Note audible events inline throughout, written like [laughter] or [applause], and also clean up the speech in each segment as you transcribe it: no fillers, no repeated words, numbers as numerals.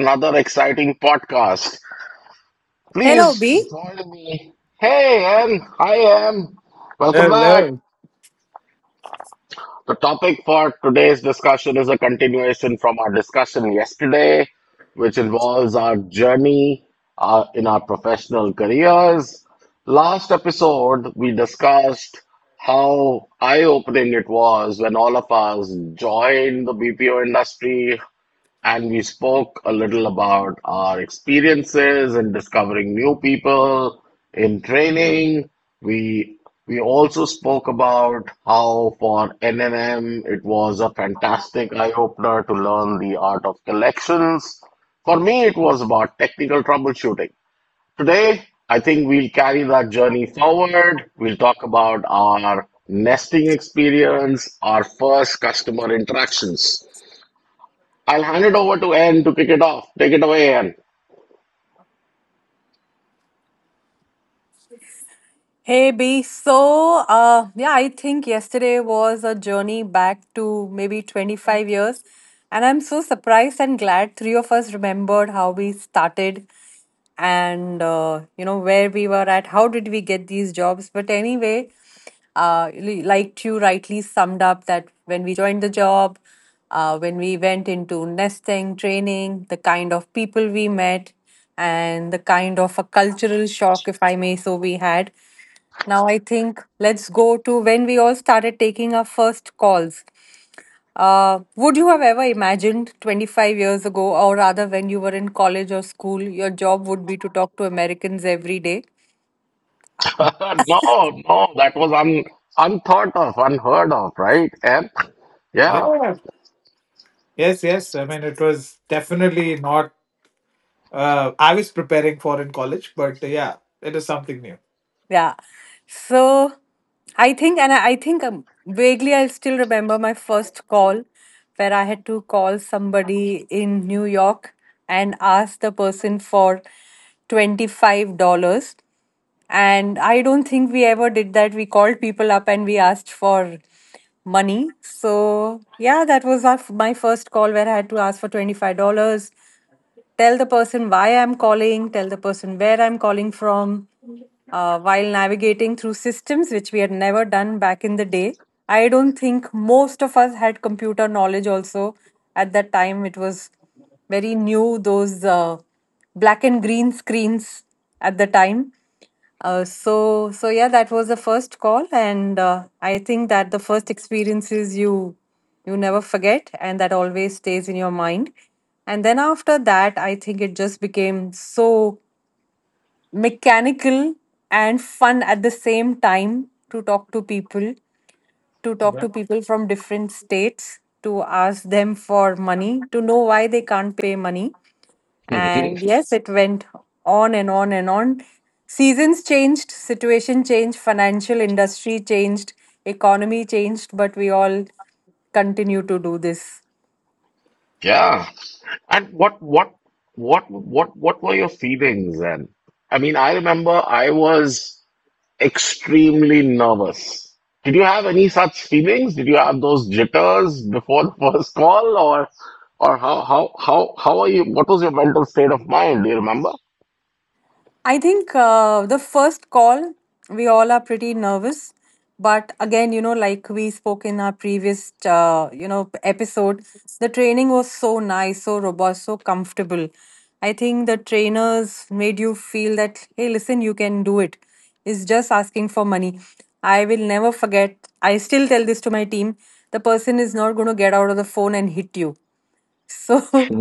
another exciting podcast. Hello, Please B. join me. Hey Em, hi Em, welcome back. Hello. The topic for today's discussion is a continuation from our discussion yesterday, which involves our journey in our professional careers. Last episode, we discussed how eye-opening it was when all of us joined the BPO industry, and we spoke a little about our experiences in discovering new people, in training. We we also spoke about how for NNM it was a fantastic eye-opener to learn the art of collections. For me, it was about technical troubleshooting. Today, I think we'll carry that journey forward. We'll talk about our nesting experience, our first customer interactions. I'll hand it over to Anne to kick it off. Take it away, Anne. Hey, B. So, I think yesterday was a journey back to maybe 25 years. And I'm so surprised and glad three of us remembered how we started and where we were at, how did we get these jobs. But anyway, like you rightly summed up, that when we joined the job, when we went into nesting training, the kind of people we met and the kind of a cultural shock, if I may. So we had, now I think let's go to when we all started taking our first calls. Would you have ever imagined 25 years ago, or rather when you were in college or school, your job would be to talk to Americans every day? [laughs] No, no, that was unthought of, unheard of, right, Anne? Yeah, Yeah. Yes, yes. I mean, it was definitely not I was preparing for in college, but yeah, it is something new. Yeah. So I think, and I think vaguely I still remember my first call, where I had to call somebody in New York and ask the person for $25. And I don't think we ever did that. We called people up and we asked for money. So yeah, that was our, my first call, where I had to ask for $25, tell the person why I'm calling, tell the person where I'm calling from, while navigating through systems which we had never done back in the day. I don't think most of us had computer knowledge also at that time. It was very new, those black and green screens at the time. So yeah, that was the first call, and I think that the first experiences you never forget, and that always stays in your mind. And then after that, I think it just became so mechanical and fun at the same time, to talk to people, to talk Yeah. to people from different states, to ask them for money, to know why they can't pay money. And [laughs] yes, it went on and on and on. Seasons changed, situation changed, financial industry changed, economy changed, but we all continue to do this. yeah. And what were your feelings, Anne? I mean, I remember I was extremely nervous. Did you have any such feelings? Did you have those jitters before the first call, or how are you? What was your mental state of mind? Do you remember? I think the first call, we all are pretty nervous. But again, like we spoke in our previous, episode, the training was so nice, so robust, so comfortable. I think the trainers made you feel that, hey, listen, you can do it. It's just asking for money. I will never forget. I still tell this to my team. The person is not going to get out of the phone and hit you. So,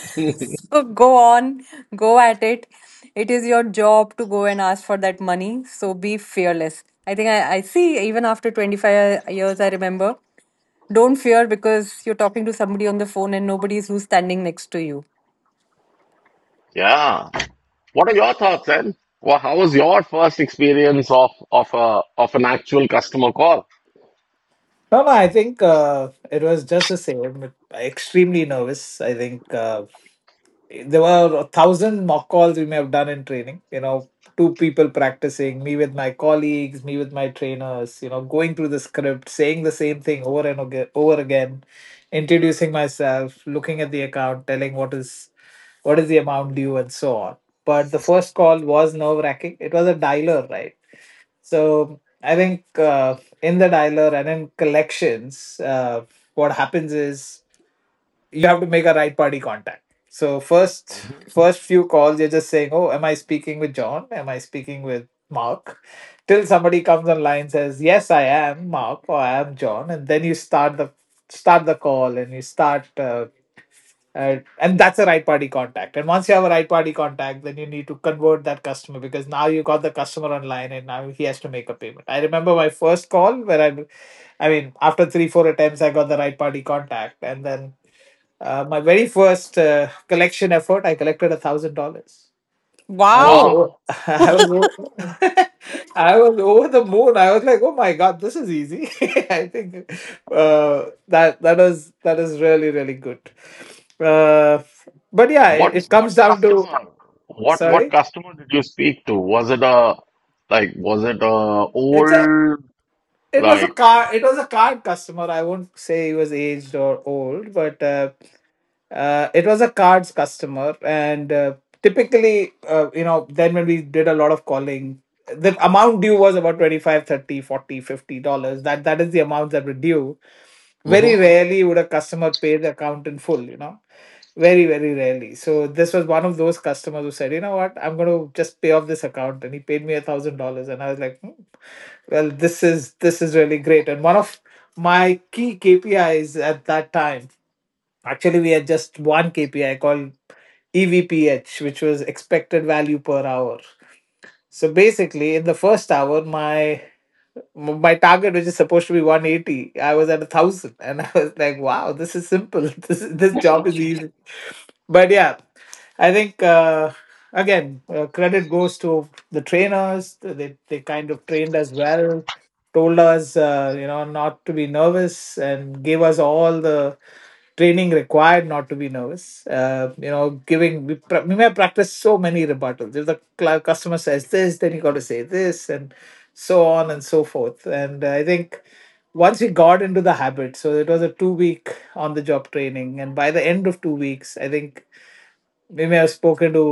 [laughs] so go on, go at it. It is your job to go and ask for that money. So be fearless. I think I see even after 25 years, I remember, don't fear because you're talking to somebody on the phone and nobody's who's standing next to you. Yeah. What are your thoughts, Ed? Well, how was your first experience of a of an actual customer call? No, no, I think it was just the same. Extremely nervous. I think there were a thousand mock calls we may have done in training, you know, two people practicing, me with my colleagues, me with my trainers, you know, going through the script, saying the same thing over and over again, introducing myself, looking at the account, telling what is the amount due and so on. But the first call was nerve wracking. It was a dialer, right? So I think in the dialer and in collections, what happens is you have to make a right party contact. So first Hmm. first few calls you're just saying, "Oh, am I speaking with John? Am I speaking with Mark?" Till somebody comes online and says, "Yes, I am Mark or I am John," and then you start the call and you start and that's a right party contact. And once you have a right party contact, then you need to convert that customer because now you got the customer online and now he has to make a payment. I remember my first call where I mean, after three, four attempts, I got the right party contact. And then my very first collection effort, I collected $1,000. I was, Wow. Wow. o- [laughs] I was, o- [laughs] I was over the moon. I was like, "Oh my god, this is easy." [laughs] I think that is really really good. Uh, but yeah, it, What it what comes down to customer? What sorry. customer did you speak to? Was it a like was it a It's a old it was a like car. It was a card customer. I won't say he was aged or old, but it was a cards customer and typically you know, then when we did a lot of calling, the amount due was about 25, 30, 40, $50. That is the amount that were due. Very hmm. rarely would a customer pay the account in full, you know, very very rarely. So this was one of those customers who said, you know what, I'm going to just pay off this account. And he paid me $1,000, and I was like, hmm, well this is really great. And one of my key KPIs at that time, actually, we had just one KPI called EVPH, which was expected value per hour. So basically, in the first hour, my target, which is supposed to be 180, I was at a thousand, [laughs] and I was like, "Wow, this is simple. [laughs] This job is easy." But yeah, I think again, credit goes to the trainers. They kind of trained us well, told us you know, not to be nervous, and gave us all the training required not to be nervous. You know, giving we may practice so many rebuttals. If the customer says this, then you got to say this, and so on and so forth. And I think once we got into the habit, so it was a 2-week on the job training, and by the end of 2 weeks, I think we may have spoken to,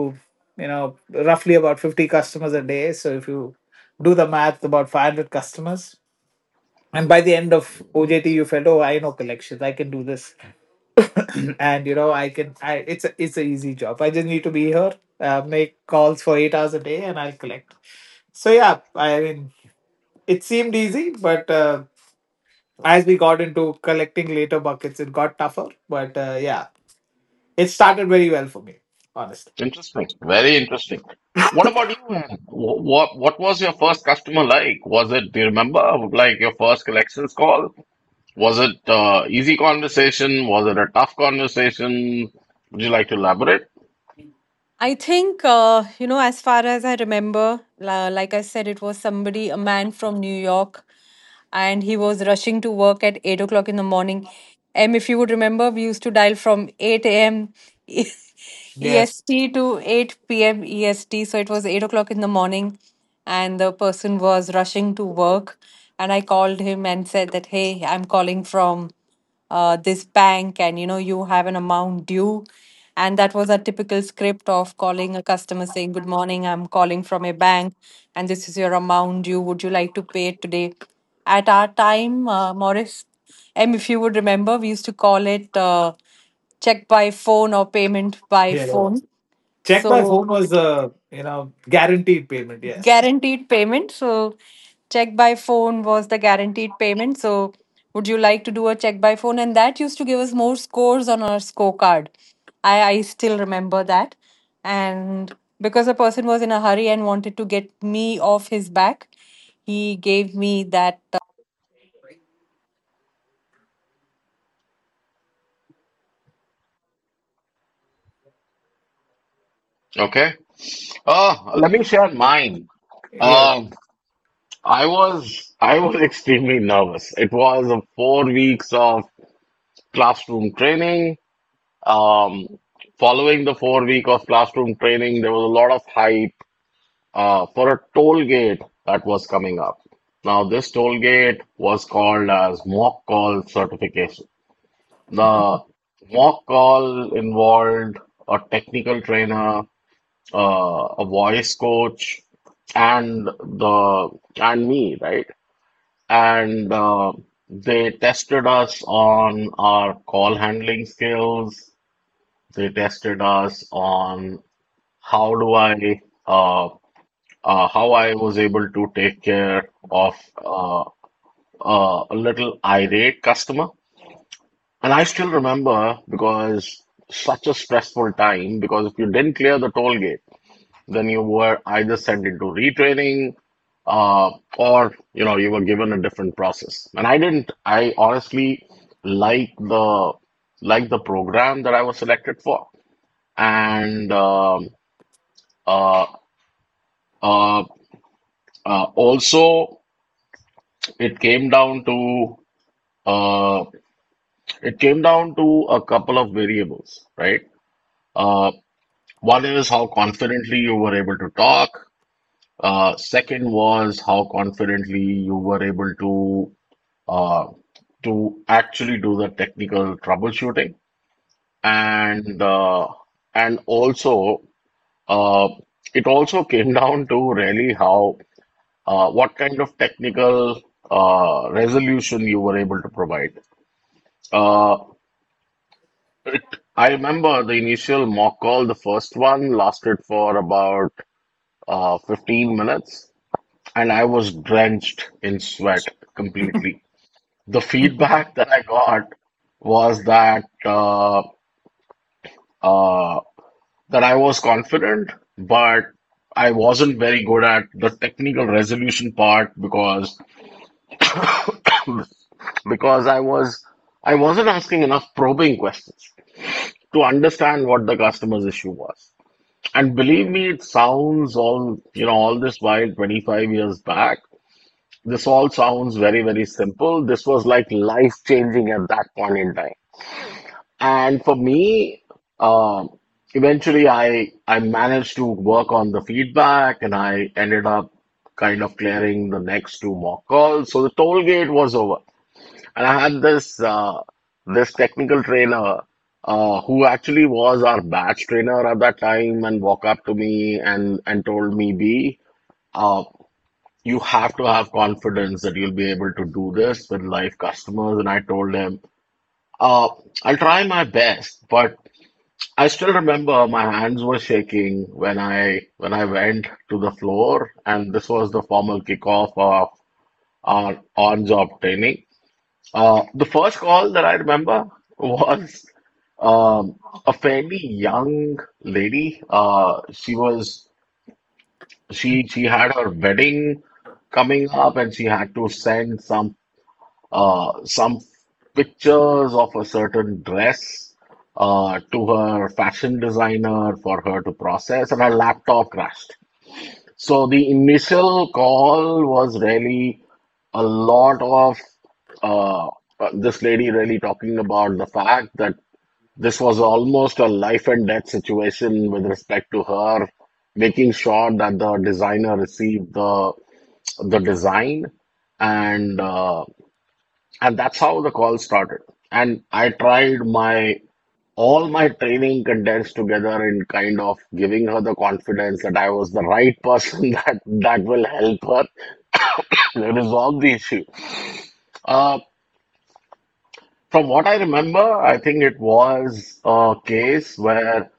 you know, roughly about 50 customers a day. So if you do the math, about 500 customers. And by the end of OJT, you felt, oh, I know collections, I can do this, [clears throat] and you know, I can I it's a easy job. I just need to be here, make calls for 8 hours a day, and I'll collect. So yeah, I mean it seemed easy, but as we got into collecting later buckets, it got tougher. But yeah, it started very well for me, honestly. Interesting. Very interesting. What about you, man? What was your first customer like? Was it, do you remember, like your first collections call? Was it easy conversation? Was it a tough conversation? Would you like to elaborate? I think, as far as I remember, like I said, it was somebody, a man from New York, and he was rushing to work at 8 o'clock in the morning. And if you would remember, we used to dial from 8 a.m. Yes. EST [laughs] to 8 p.m. EST. So it was 8 o'clock in the morning, and the person was rushing to work. And I called him and said that, hey, I'm calling from this bank and you know you have an amount due. And that was a typical script of calling a customer, saying good morning, I'm calling from a bank, and this is your amount due, would you like to pay it today? At our time, Morris M, if you would remember, we used to call it check by phone or payment by Yeah, phone, check by so phone was you know, guaranteed payment. Yes. guaranteed payment. So check by phone was the guaranteed payment. So would you like to do a check by phone? And that used to give us more scores on our scorecard. I still remember that. And because the person was in a hurry and wanted to get me off his back, he gave me that Okay. Oh, let me share mine. Yeah. Um, I was [laughs] extremely nervous. It was a 4 weeks of classroom training. Um, following the 4 week of classroom training, there was a lot of hype for a toll gate that was coming up. Now, this toll gate was called as mock call certification. The mock call involved a technical trainer a voice coach and the and me, right? And they tested us on our call handling skills. They tested us on how do I uh, how I was able to take care of uh, a little irate customer. And I still remember because such a stressful time because if you didn't clear the toll gate then you were either sent into retraining uh, or you know you were given a different process and I didn't I honestly like the program that I was selected for and uh, uh, also it came down to uh, it came down to a couple of variables right uh, one is how confidently you were able to talk second was how confidently you were able uh, to actually do the technical troubleshooting and uh, and also uh, it also [laughs] came down to really how what kind of technical resolution you were able to provide. Uh, I remember the initial mock call, the first one lasted for about 15 minutes, and I was drenched in sweat completely. The feedback [laughs] that I got was that uh, that I was confident, but I wasn't very good at the technical resolution part because [laughs] because I wasn't asking enough probing questions to understand what the customer's issue was. And believe me, it sounds all you know all this while 25 years back. This all sounds very very simple. This was like life changing at that point in time. And for me, um, eventually I managed to work on the feedback and I ended up kind of clearing the next two mock calls. So the toll gate was over. And I had this this technical trainer who actually was our batch trainer at that time and walked up to me and told me, B, uh, you have to have confidence that you'll be able to do this with live customers. And I told him, uh, I'll try my best, but I still remember my hands were shaking when I went to the floor, and this was the formal kickoff of our on-job training. The first call that I remember was um, a fairly young lady. She was she had her wedding coming up, and she had to send some pictures of a certain dress to her fashion designer for her to process, and her laptop crashed. So the initial call was really a lot of uh, this lady really talking about the fact that this was almost a life and death situation with respect to her making sure that the designer received the design and uh, and that's how the call started. And I tried my all my training condensed together in kind of giving her the confidence that I was the right person [laughs] that will help her [laughs] resolve the issue. Uh, from what I remember, I think it was a case where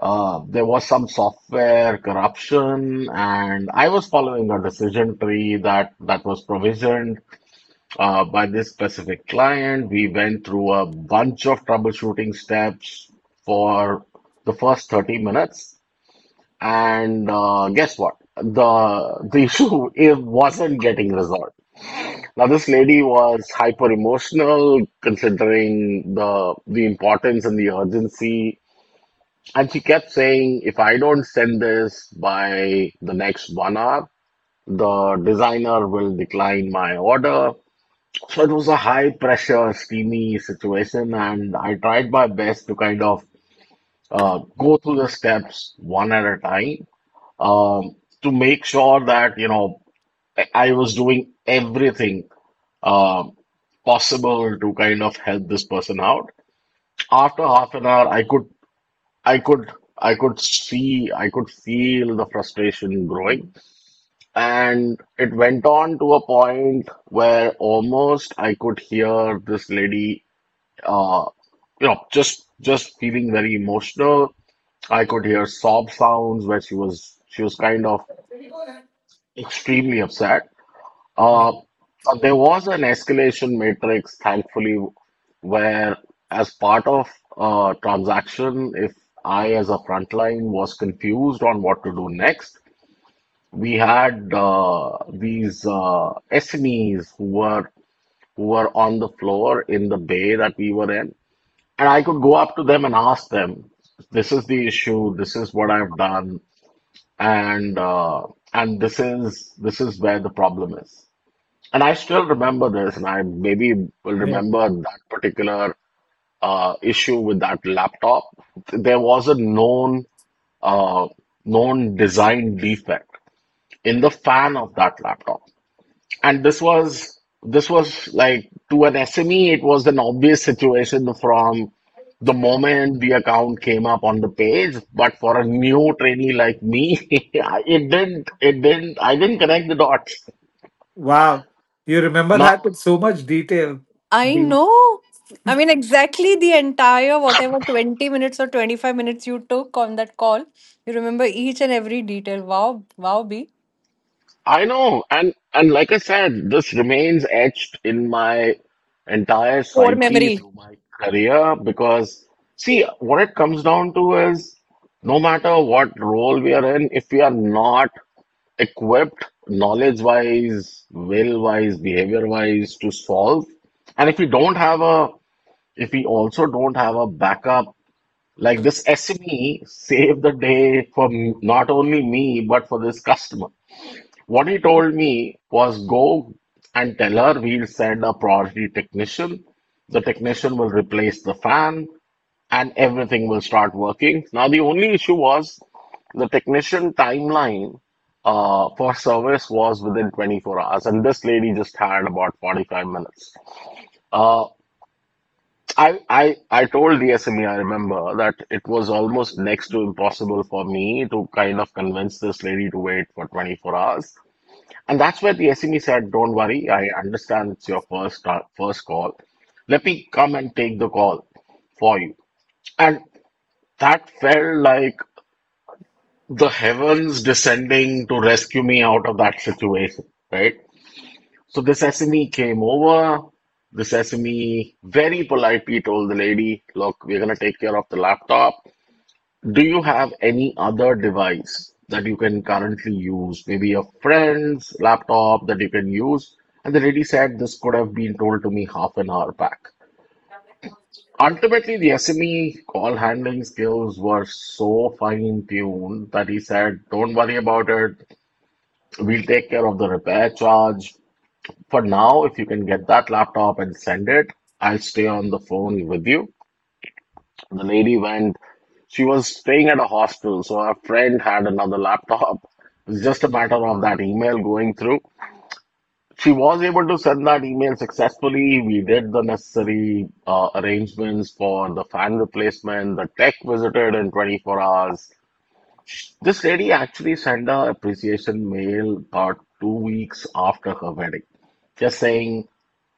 there was some software corruption, and I was following a decision tree that was provisioned by this specific client. We went through a bunch of troubleshooting steps for the first 30 minutes. And guess what? The issue [laughs] it wasn't getting resolved. Now this lady was hyper emotional considering the importance and the urgency. And she kept saying, if I don't send this by the next 1 hour, the designer will decline my order so it was a high pressure, steamy situation, and I tried my best to kind of go through the steps one at a time um, to make sure that, you know, I was doing everything um possible to kind of help this person out. After half an hour, I could, I could see, I could feel the frustration growing, and it went on to a point where almost I could hear this lady uh, you know, just feeling very emotional. I could hear sob sounds where she was kind of extremely upset. Uh, [laughs] there was an escalation matrix, thankfully, where as part of transaction, if I as a frontline was confused on what to do next, we had these SMEs who were on the floor in the bay that we were in and I could go up to them and ask them, "This is the issue. This is what I've done, and uh, and this is where the problem is." And I still remember this, and I maybe will Yeah. remember that particular issue with that laptop. There was a known uh, known design defect in the fan of that laptop and this was like to an SME, it was an obvious situation from the moment the account came up on the page. But for a new trainee like me, [laughs] it didn't I didn't connect the dots. Wow, you remember that Now with so much detail. [laughs] I Be- know. I mean, exactly the entire whatever 20 minutes or 25 minutes you took on that call. You remember each and every detail. Wow, wow, B. I know, and like I said, this remains etched in my entire Core psyche memory. through my career because see what it comes down to is no matter what role we are in, if we are not equipped knowledge wise, will wise, behavior wise to solve. And if we don't have a, if we also don't have a backup, like this SME saved the day for not only me, but for this customer. What he told me was go and tell her we'll send a priority technician. The technician will replace the fan and everything will start working. Now, the only issue was the technician timeline for service was within 24 hours, and this lady just had about 45 minutes. Uh, I told the SME I remember that it was almost next to impossible for me to kind of convince this lady to wait for 24 hours, and that's where the SME said, "Don't worry, I understand it's your first first call. Let me come and take the call for you." And that felt like the heavens descending to rescue me out of that situation, right? So this SME came over. This SME very politely told the lady, look, we're going to take care of the laptop. Do you have any other device that you can currently use? Maybe a friend's laptop that you can use? And the lady said, this could have been told to me half an hour back. Ultimately, the SME call handling skills were so fine tuned that he said, don't worry about it. We'll take care of the repair charge. For now, if you can get that laptop and send it, I'll stay on the phone with you. The lady went, she was staying at a hostel, so her friend had another laptop. It's just a matter of that email going through. She was able to send that email successfully. We did the necessary arrangements for the fan replacement. The tech visited in 24 hours. This lady actually sent a appreciation mail about 2 weeks after her wedding, just saying,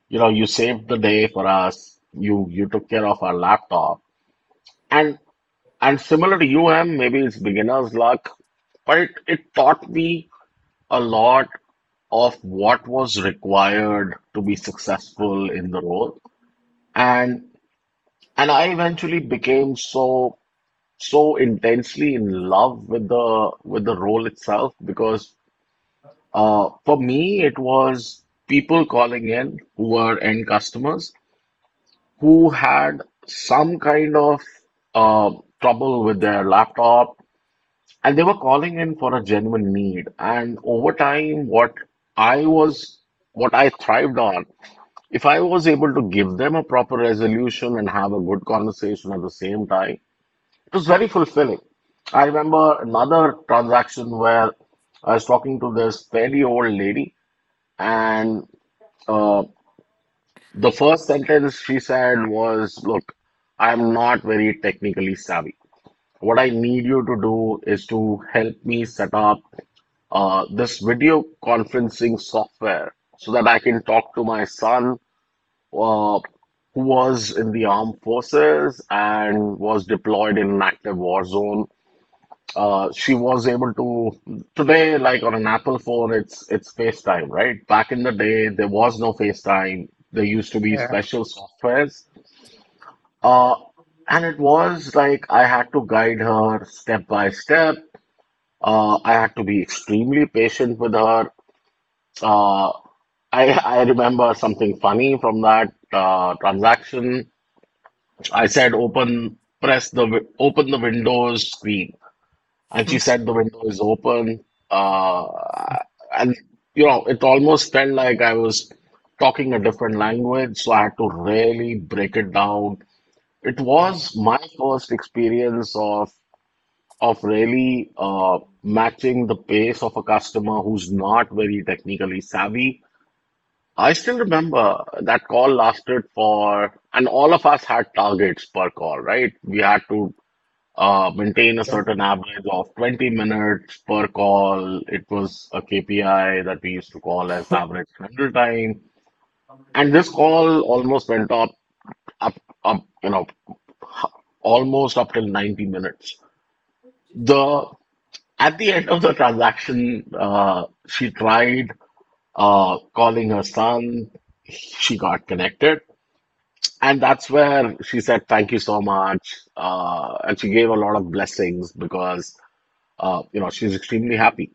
you know, you saved the day for us. You took care of our laptop, and similar to you, Em, maybe it's beginner's luck, but it taught me a lot of what was required to be successful in the role, and I eventually became so intensely in love with the role itself because for me, it was people calling in who were end customers who had some kind of uh, trouble with their laptop, and they were calling in for a genuine need. And over time, I was, what I thrived on, if I was able to give them a proper resolution and have a good conversation at the same time, it was very fulfilling. I remember another transaction where I was talking to this fairly old lady. And uh, the first sentence she said was, "Look, I'm not very technically savvy. What I need you to do is to help me set up this video conferencing software so that I can talk to my son, uh, who was in the armed forces and was deployed in an active war zone." She was able to today, like on an Apple phone, it's FaceTime, right? Back in the day, there was no FaceTime. There used to be Yeah. special softwares. Uh, and it was like I had to guide her step by step. I had to be extremely patient with her. Uh, I I remember something funny from that transaction. I said open, press the open the Windows screen. And she said the window is open. Uh, and you know, it almost felt like I was talking a different language, so I had to really break it down. It was my first experience of really matching the pace of a customer who's not very technically savvy. I still remember that call lasted for, and all of us had targets per call, right? We had to maintain a certain average of 20 minutes per call. It was a KPI that we used to call as average handle time. And this call almost went up, up, up, you know, almost up till 90 minutes. The At the end of the transaction, she tried calling her son. She got connected. And that's where she said, "Thank you so much." And she gave a lot of blessings because, you know, she's extremely happy.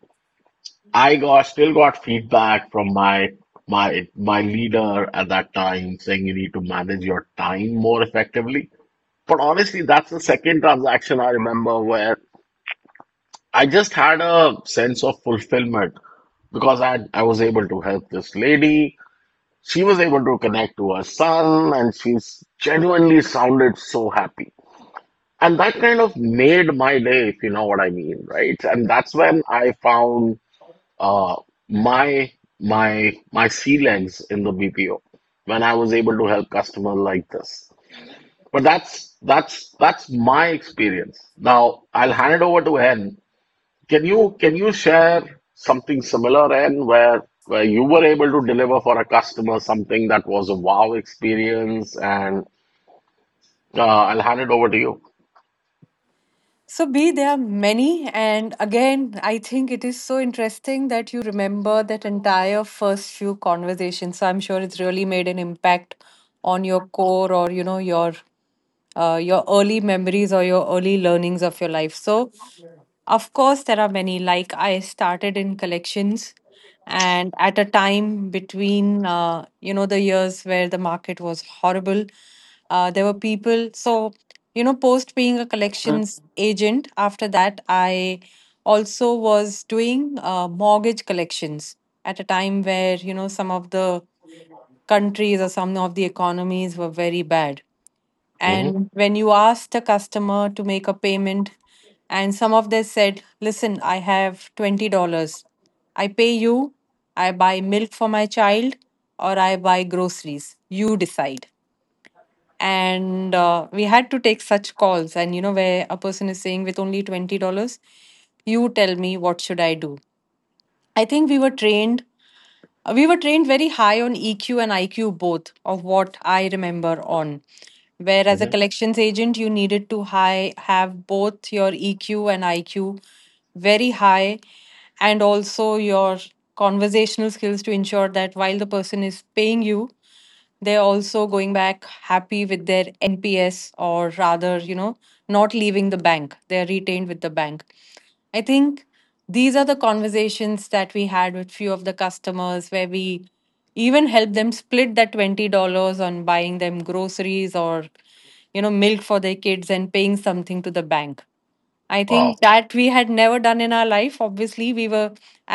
I got still got feedback from my leader at that time saying you need to manage your time more effectively. But honestly, that's the second transaction I remember where I just had a sense of fulfillment because I was able to help this lady. She was able to connect to her son, and she's genuinely sounded so happy. And that kind of made my day, if you know what I mean, right? And that's when I found uh, my sea legs in the BPO when I was able to help customers like this. But that's my experience. Now I'll hand it over to Hen. Can you share something similar, Hen, where you were able to deliver for a customer something that was a wow experience? And I'll hand it over to you. So, B, there are many. And again, I think it is so interesting that you remember that entire first few conversations. So, I'm sure it's really made an impact on your core or, you know, your early memories or your early learnings of your life. So, of course, there are many. Like, I started in collections, and at a time between the years where the market was horrible, there were people. So, you know, post being a collections agent, after that I also was doing mortgage collections at a time where, you know, some of the countries or some of the economies were very bad, Hmm. and when you asked a customer to make a payment, and some of them said, "Listen, I have $20. I pay you, I buy milk for my child, or I buy groceries. You decide." And we had to take such calls, and you know, where a person is saying, "With only $20, you tell me what should I do." I think we were trained . We were trained very high on EQ and IQ both, of what I remember on. Where as a Hmm. collections agent, you needed to high have both your EQ and IQ very high, and also your conversational skills to ensure that while the person is paying you, they're also going back happy with their NPS, or rather, you know, not leaving the bank. They're retained with the bank. I think these are the conversations that we had with few of the customers where we even help them split that $20 on buying them groceries or, you know, milk for their kids and paying something to the bank. I think Wow. that we had never done in our life. Obviously, we were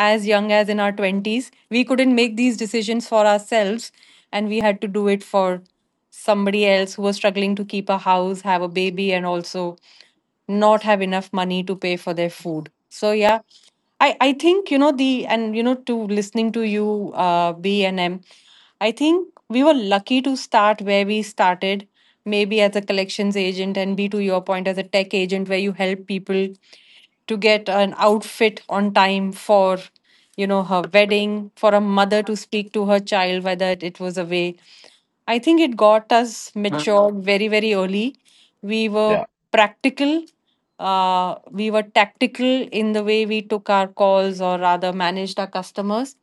as young as in our 20s. We couldn't make these decisions for ourselves, and we had to do it for somebody else who was struggling to keep a house, have a baby, and also not have enough money to pay for their food. So yeah, I think, you know, the and you know to listening to you B and M, I think we were lucky to start where we started, maybe as a collections agent, and be to your point as a tech agent where you help people to get an outfit on time for, you know, her wedding, for a mother to speak to her child whether it was away. I think it got us matured very, very early. We were Yeah. practical, we were tactical in the way we took our calls, or rather managed our customers.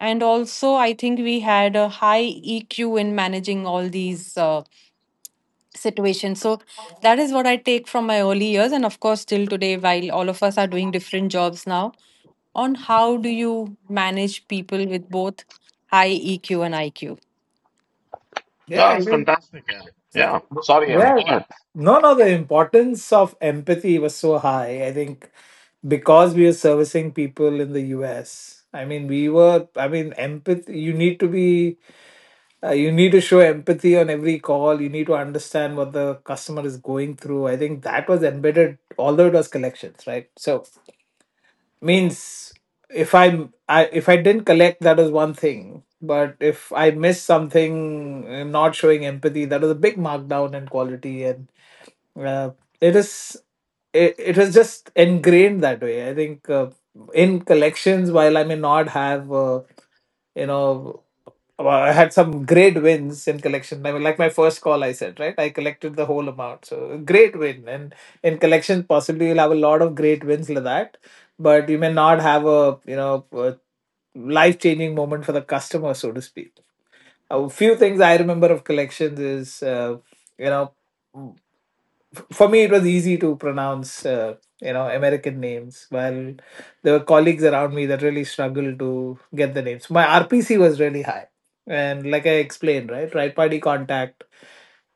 And also, I think we had a high EQ in managing all these situations. So, that is what I take from my early years. And of course, till today, while all of us are doing different jobs now, on how do you manage people with both high EQ and IQ? Yeah, Yeah, I that's think fantastic, Hen. Yeah. Sorry, Em. Go yeah. ahead. No, no, the importance of empathy was so high. I think because we are servicing people in the US. I mean, we were. I mean, empathy. You need to be. You need to show empathy on every call. You need to understand what the customer is going through. I think that was embedded, although it was collections, right? So means if I if I didn't collect, that is one thing. But if I miss something, not showing empathy, that is a big markdown in quality, and uh, it is it is just ingrained that way. I think in collections, while I may not have you know, well, I had some great wins in collection. I mean, like my first call, I said, right? I collected the whole amount. So, great win. And in collection, possibly you'll have a lot of great wins like that. But you may not have a, you know, a life changing moment for the customer, so to speak. A few things I remember of collections is, you know, for me it was easy to pronounce you know, american names, while there were colleagues around me that really struggled to get the names. My RPC was really high, and like I explained, right? Right party contact.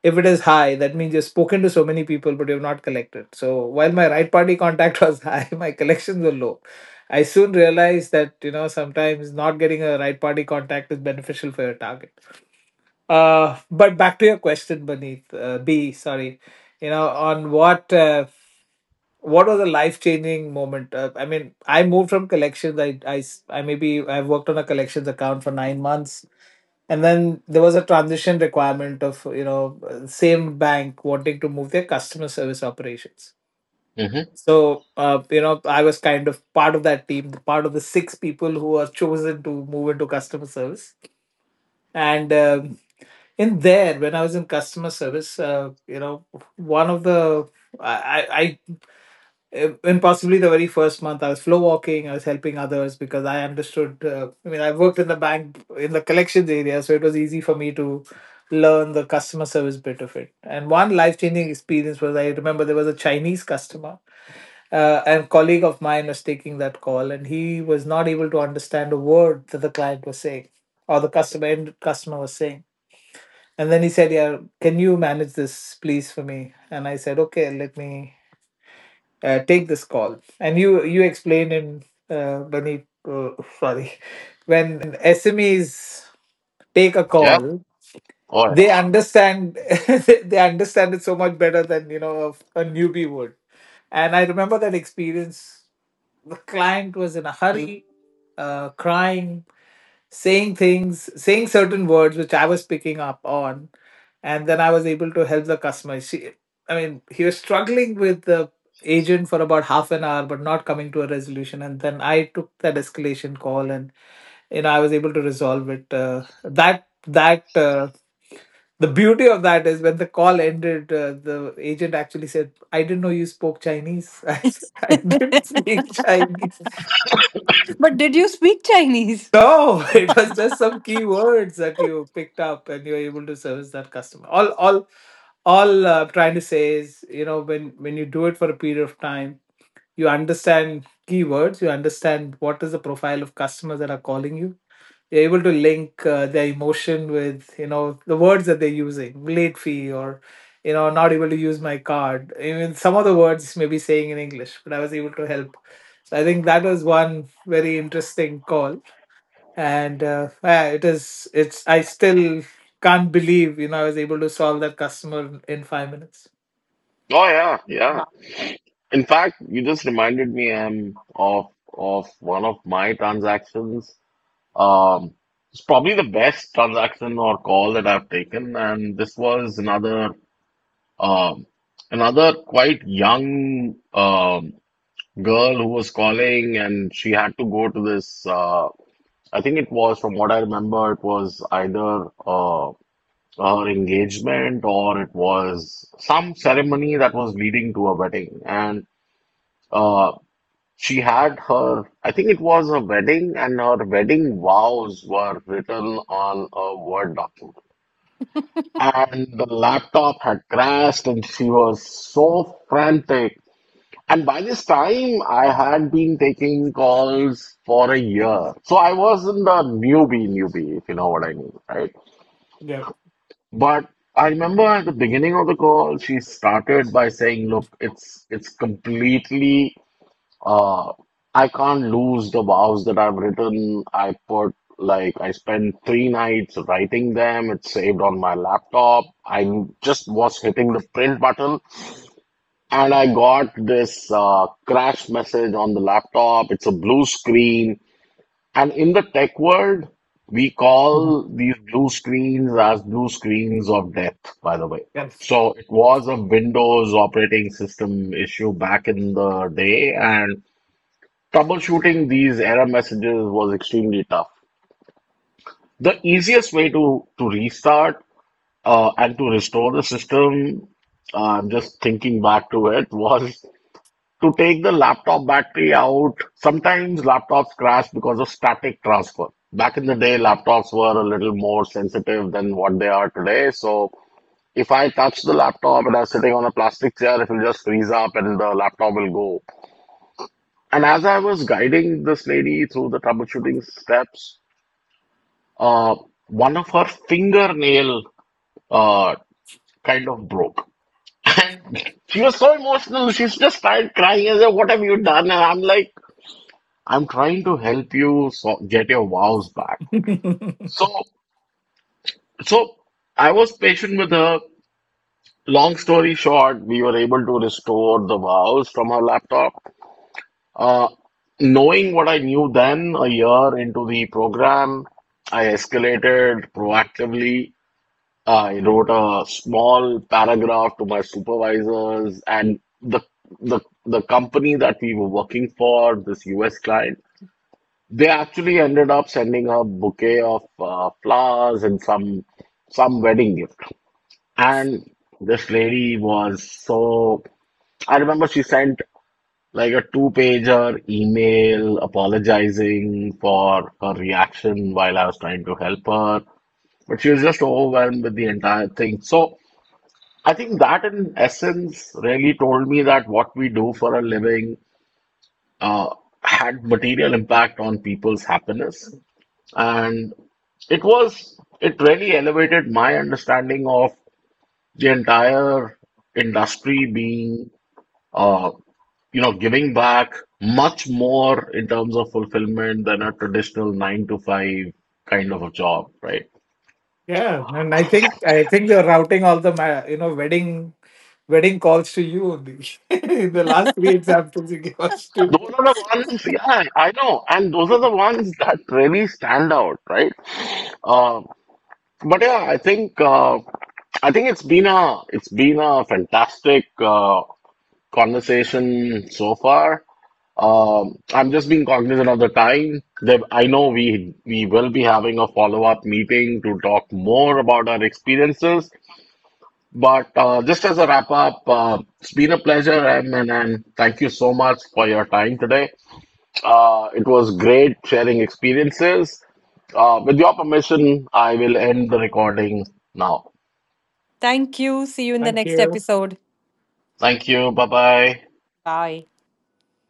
If it is high, that means you've spoken to so many people, but you've not collected. So while my right party contact [laughs] was high, my collections were low. I soon realized that, you know, sometimes not getting a right party contact is beneficial for your target. But back to your question, Beneath B, sorry, you know, on what was a life changing moment? I mean, I moved from collections. I s- I maybe I worked on a collections account for 9 months, and then there was a transition requirement of, you know, same bank wanting to move their customer service operations. Hmm. So you know, I was kind of part of that team, part of the six people who are chosen to move into customer service, and. And there, when I was in customer service, you know, one of the, I, I, I, and possibly the very first month, I was flow walking. I was helping others because I understood. I mean, I worked in the bank in the collections area, so it was easy for me to learn the customer service bit of it. And one life changing experience was, I remember there was a Chinese customer, and colleague of mine was taking that call, and he was not able to understand a word that the client was saying or the customer, end customer, was saying. And then he said, "Yeah, can you manage this, please, for me?" And I said, "Okay, let me take this call." And you explained in Bani, sorry, [laughs] when SMEs take a Yeah. call, Oh yeah. they understand [laughs] they understand it so much better than, you know, a newbie would. And I remember that experience. The client was in a hurry, crying, saying things, saying certain words which I was picking up on, and then I was able to help the customer. She, I mean, he was struggling with the agent for about half an hour, but not coming to a resolution. And then I took that escalation call, and you know, I was able to resolve it. That that. The beauty of that is when the call ended, the agent actually said, "I didn't know you spoke Chinese." [laughs] I said, "I didn't [laughs] speak Chinese. But did you speak Chinese? No," [laughs] "it was just some key words that you picked up and you were able to service that customer." All I'm trying to say is, you know, when you do it for a period of time, you understand keywords, you understand what is the profile of customers that are calling you, you're able to link their emotion with, you know, the words that they're using, late fee or, you know, not able to use my card, even some of the words may be saying in english, but I was able to help. So I think that was one very interesting call. And yeah, it is, it's I still can't believe, you know, I was able to solve that customer in 5 minutes. Oh yeah, yeah. Wow. In fact, you just reminded me of one of my transactions. Um, it's probably the best transaction or call that I've taken, and this was another um another quite young girl who was calling, and she had to go to this. I think it was, from what I remember, it was either her engagement or it was some ceremony that was leading to a wedding, and. uh She had her, I think it was her wedding, and her wedding vows were written on a Word document. [laughs] And the laptop had crashed, and she was so frantic. And by this time, I had been taking calls for a year. So I wasn't a newbie, if you know what I mean, right? Yeah. But I remember at the beginning of the call, she started by saying, "Look, it's completely Uh, I can't lose the vows that I've written. I put like I spent three nights writing them. It's saved on my laptop. I just was hitting the print button and I got this crash message on the laptop. It's a blue screen." And in the tech world, we Mhm. call these blue screens as blue screens of death, by the way. Yes. So it was a Windows operating system issue back in the day, and troubleshooting these error messages was extremely tough. The easiest way to restart and to restore the system, I'm just thinking back to it, was to take the laptop battery out. Sometimes laptops crash because of static transfer. Back in the day, laptops were a little more sensitive than what they are today. So if I touch the laptop and I'm sitting on a plastic chair, it will just freeze up and the laptop will go. And as I was guiding this lady through the troubleshooting steps, uh, one of her fingernail uh, kind of broke. And [laughs] she was so emotional, she just started crying and said, "What have you done?" And I'm like, "I'm trying to help you so get your vows back." [laughs] So, so, I was patient with her. Long story short, we were able to restore the vows from her laptop. Uh, Knowing what I knew then, a year into the program, I escalated proactively. I wrote a small paragraph to my supervisors and the the company that we were working for, this US client, they actually ended up sending a bouquet of flowers and some wedding gift. And this lady was so I remember she sent like a two-pager email apologizing for her reaction while I was trying to help her, but she was just overwhelmed with the entire thing. So I think that, in essence, really told me that what we do for a living uh, had material impact on people's happiness. And it was, it really elevated my understanding of the entire industry being, uh, you know, giving back much more in terms of fulfillment than a traditional 9 to 5 kind of a job, right? Yeah, and I think you're routing all the you know, wedding calls to you only. [laughs] The last three examples you gave us to. Those are the ones, yeah, I know. And those are the ones that really stand out, right? Uh, But yeah, I think I think it's been a fantastic conversation so far. I'm just being cognizant of the time. That I know we will be having a follow-up meeting to talk more about our experiences. But just as a wrap up, it's been a pleasure, Em, and, thank you so much for your time today. It was great sharing experiences. With your permission, I will end the recording now. Thank you. See you in the Thank next you. episode. Thank you. Bye bye. Bye.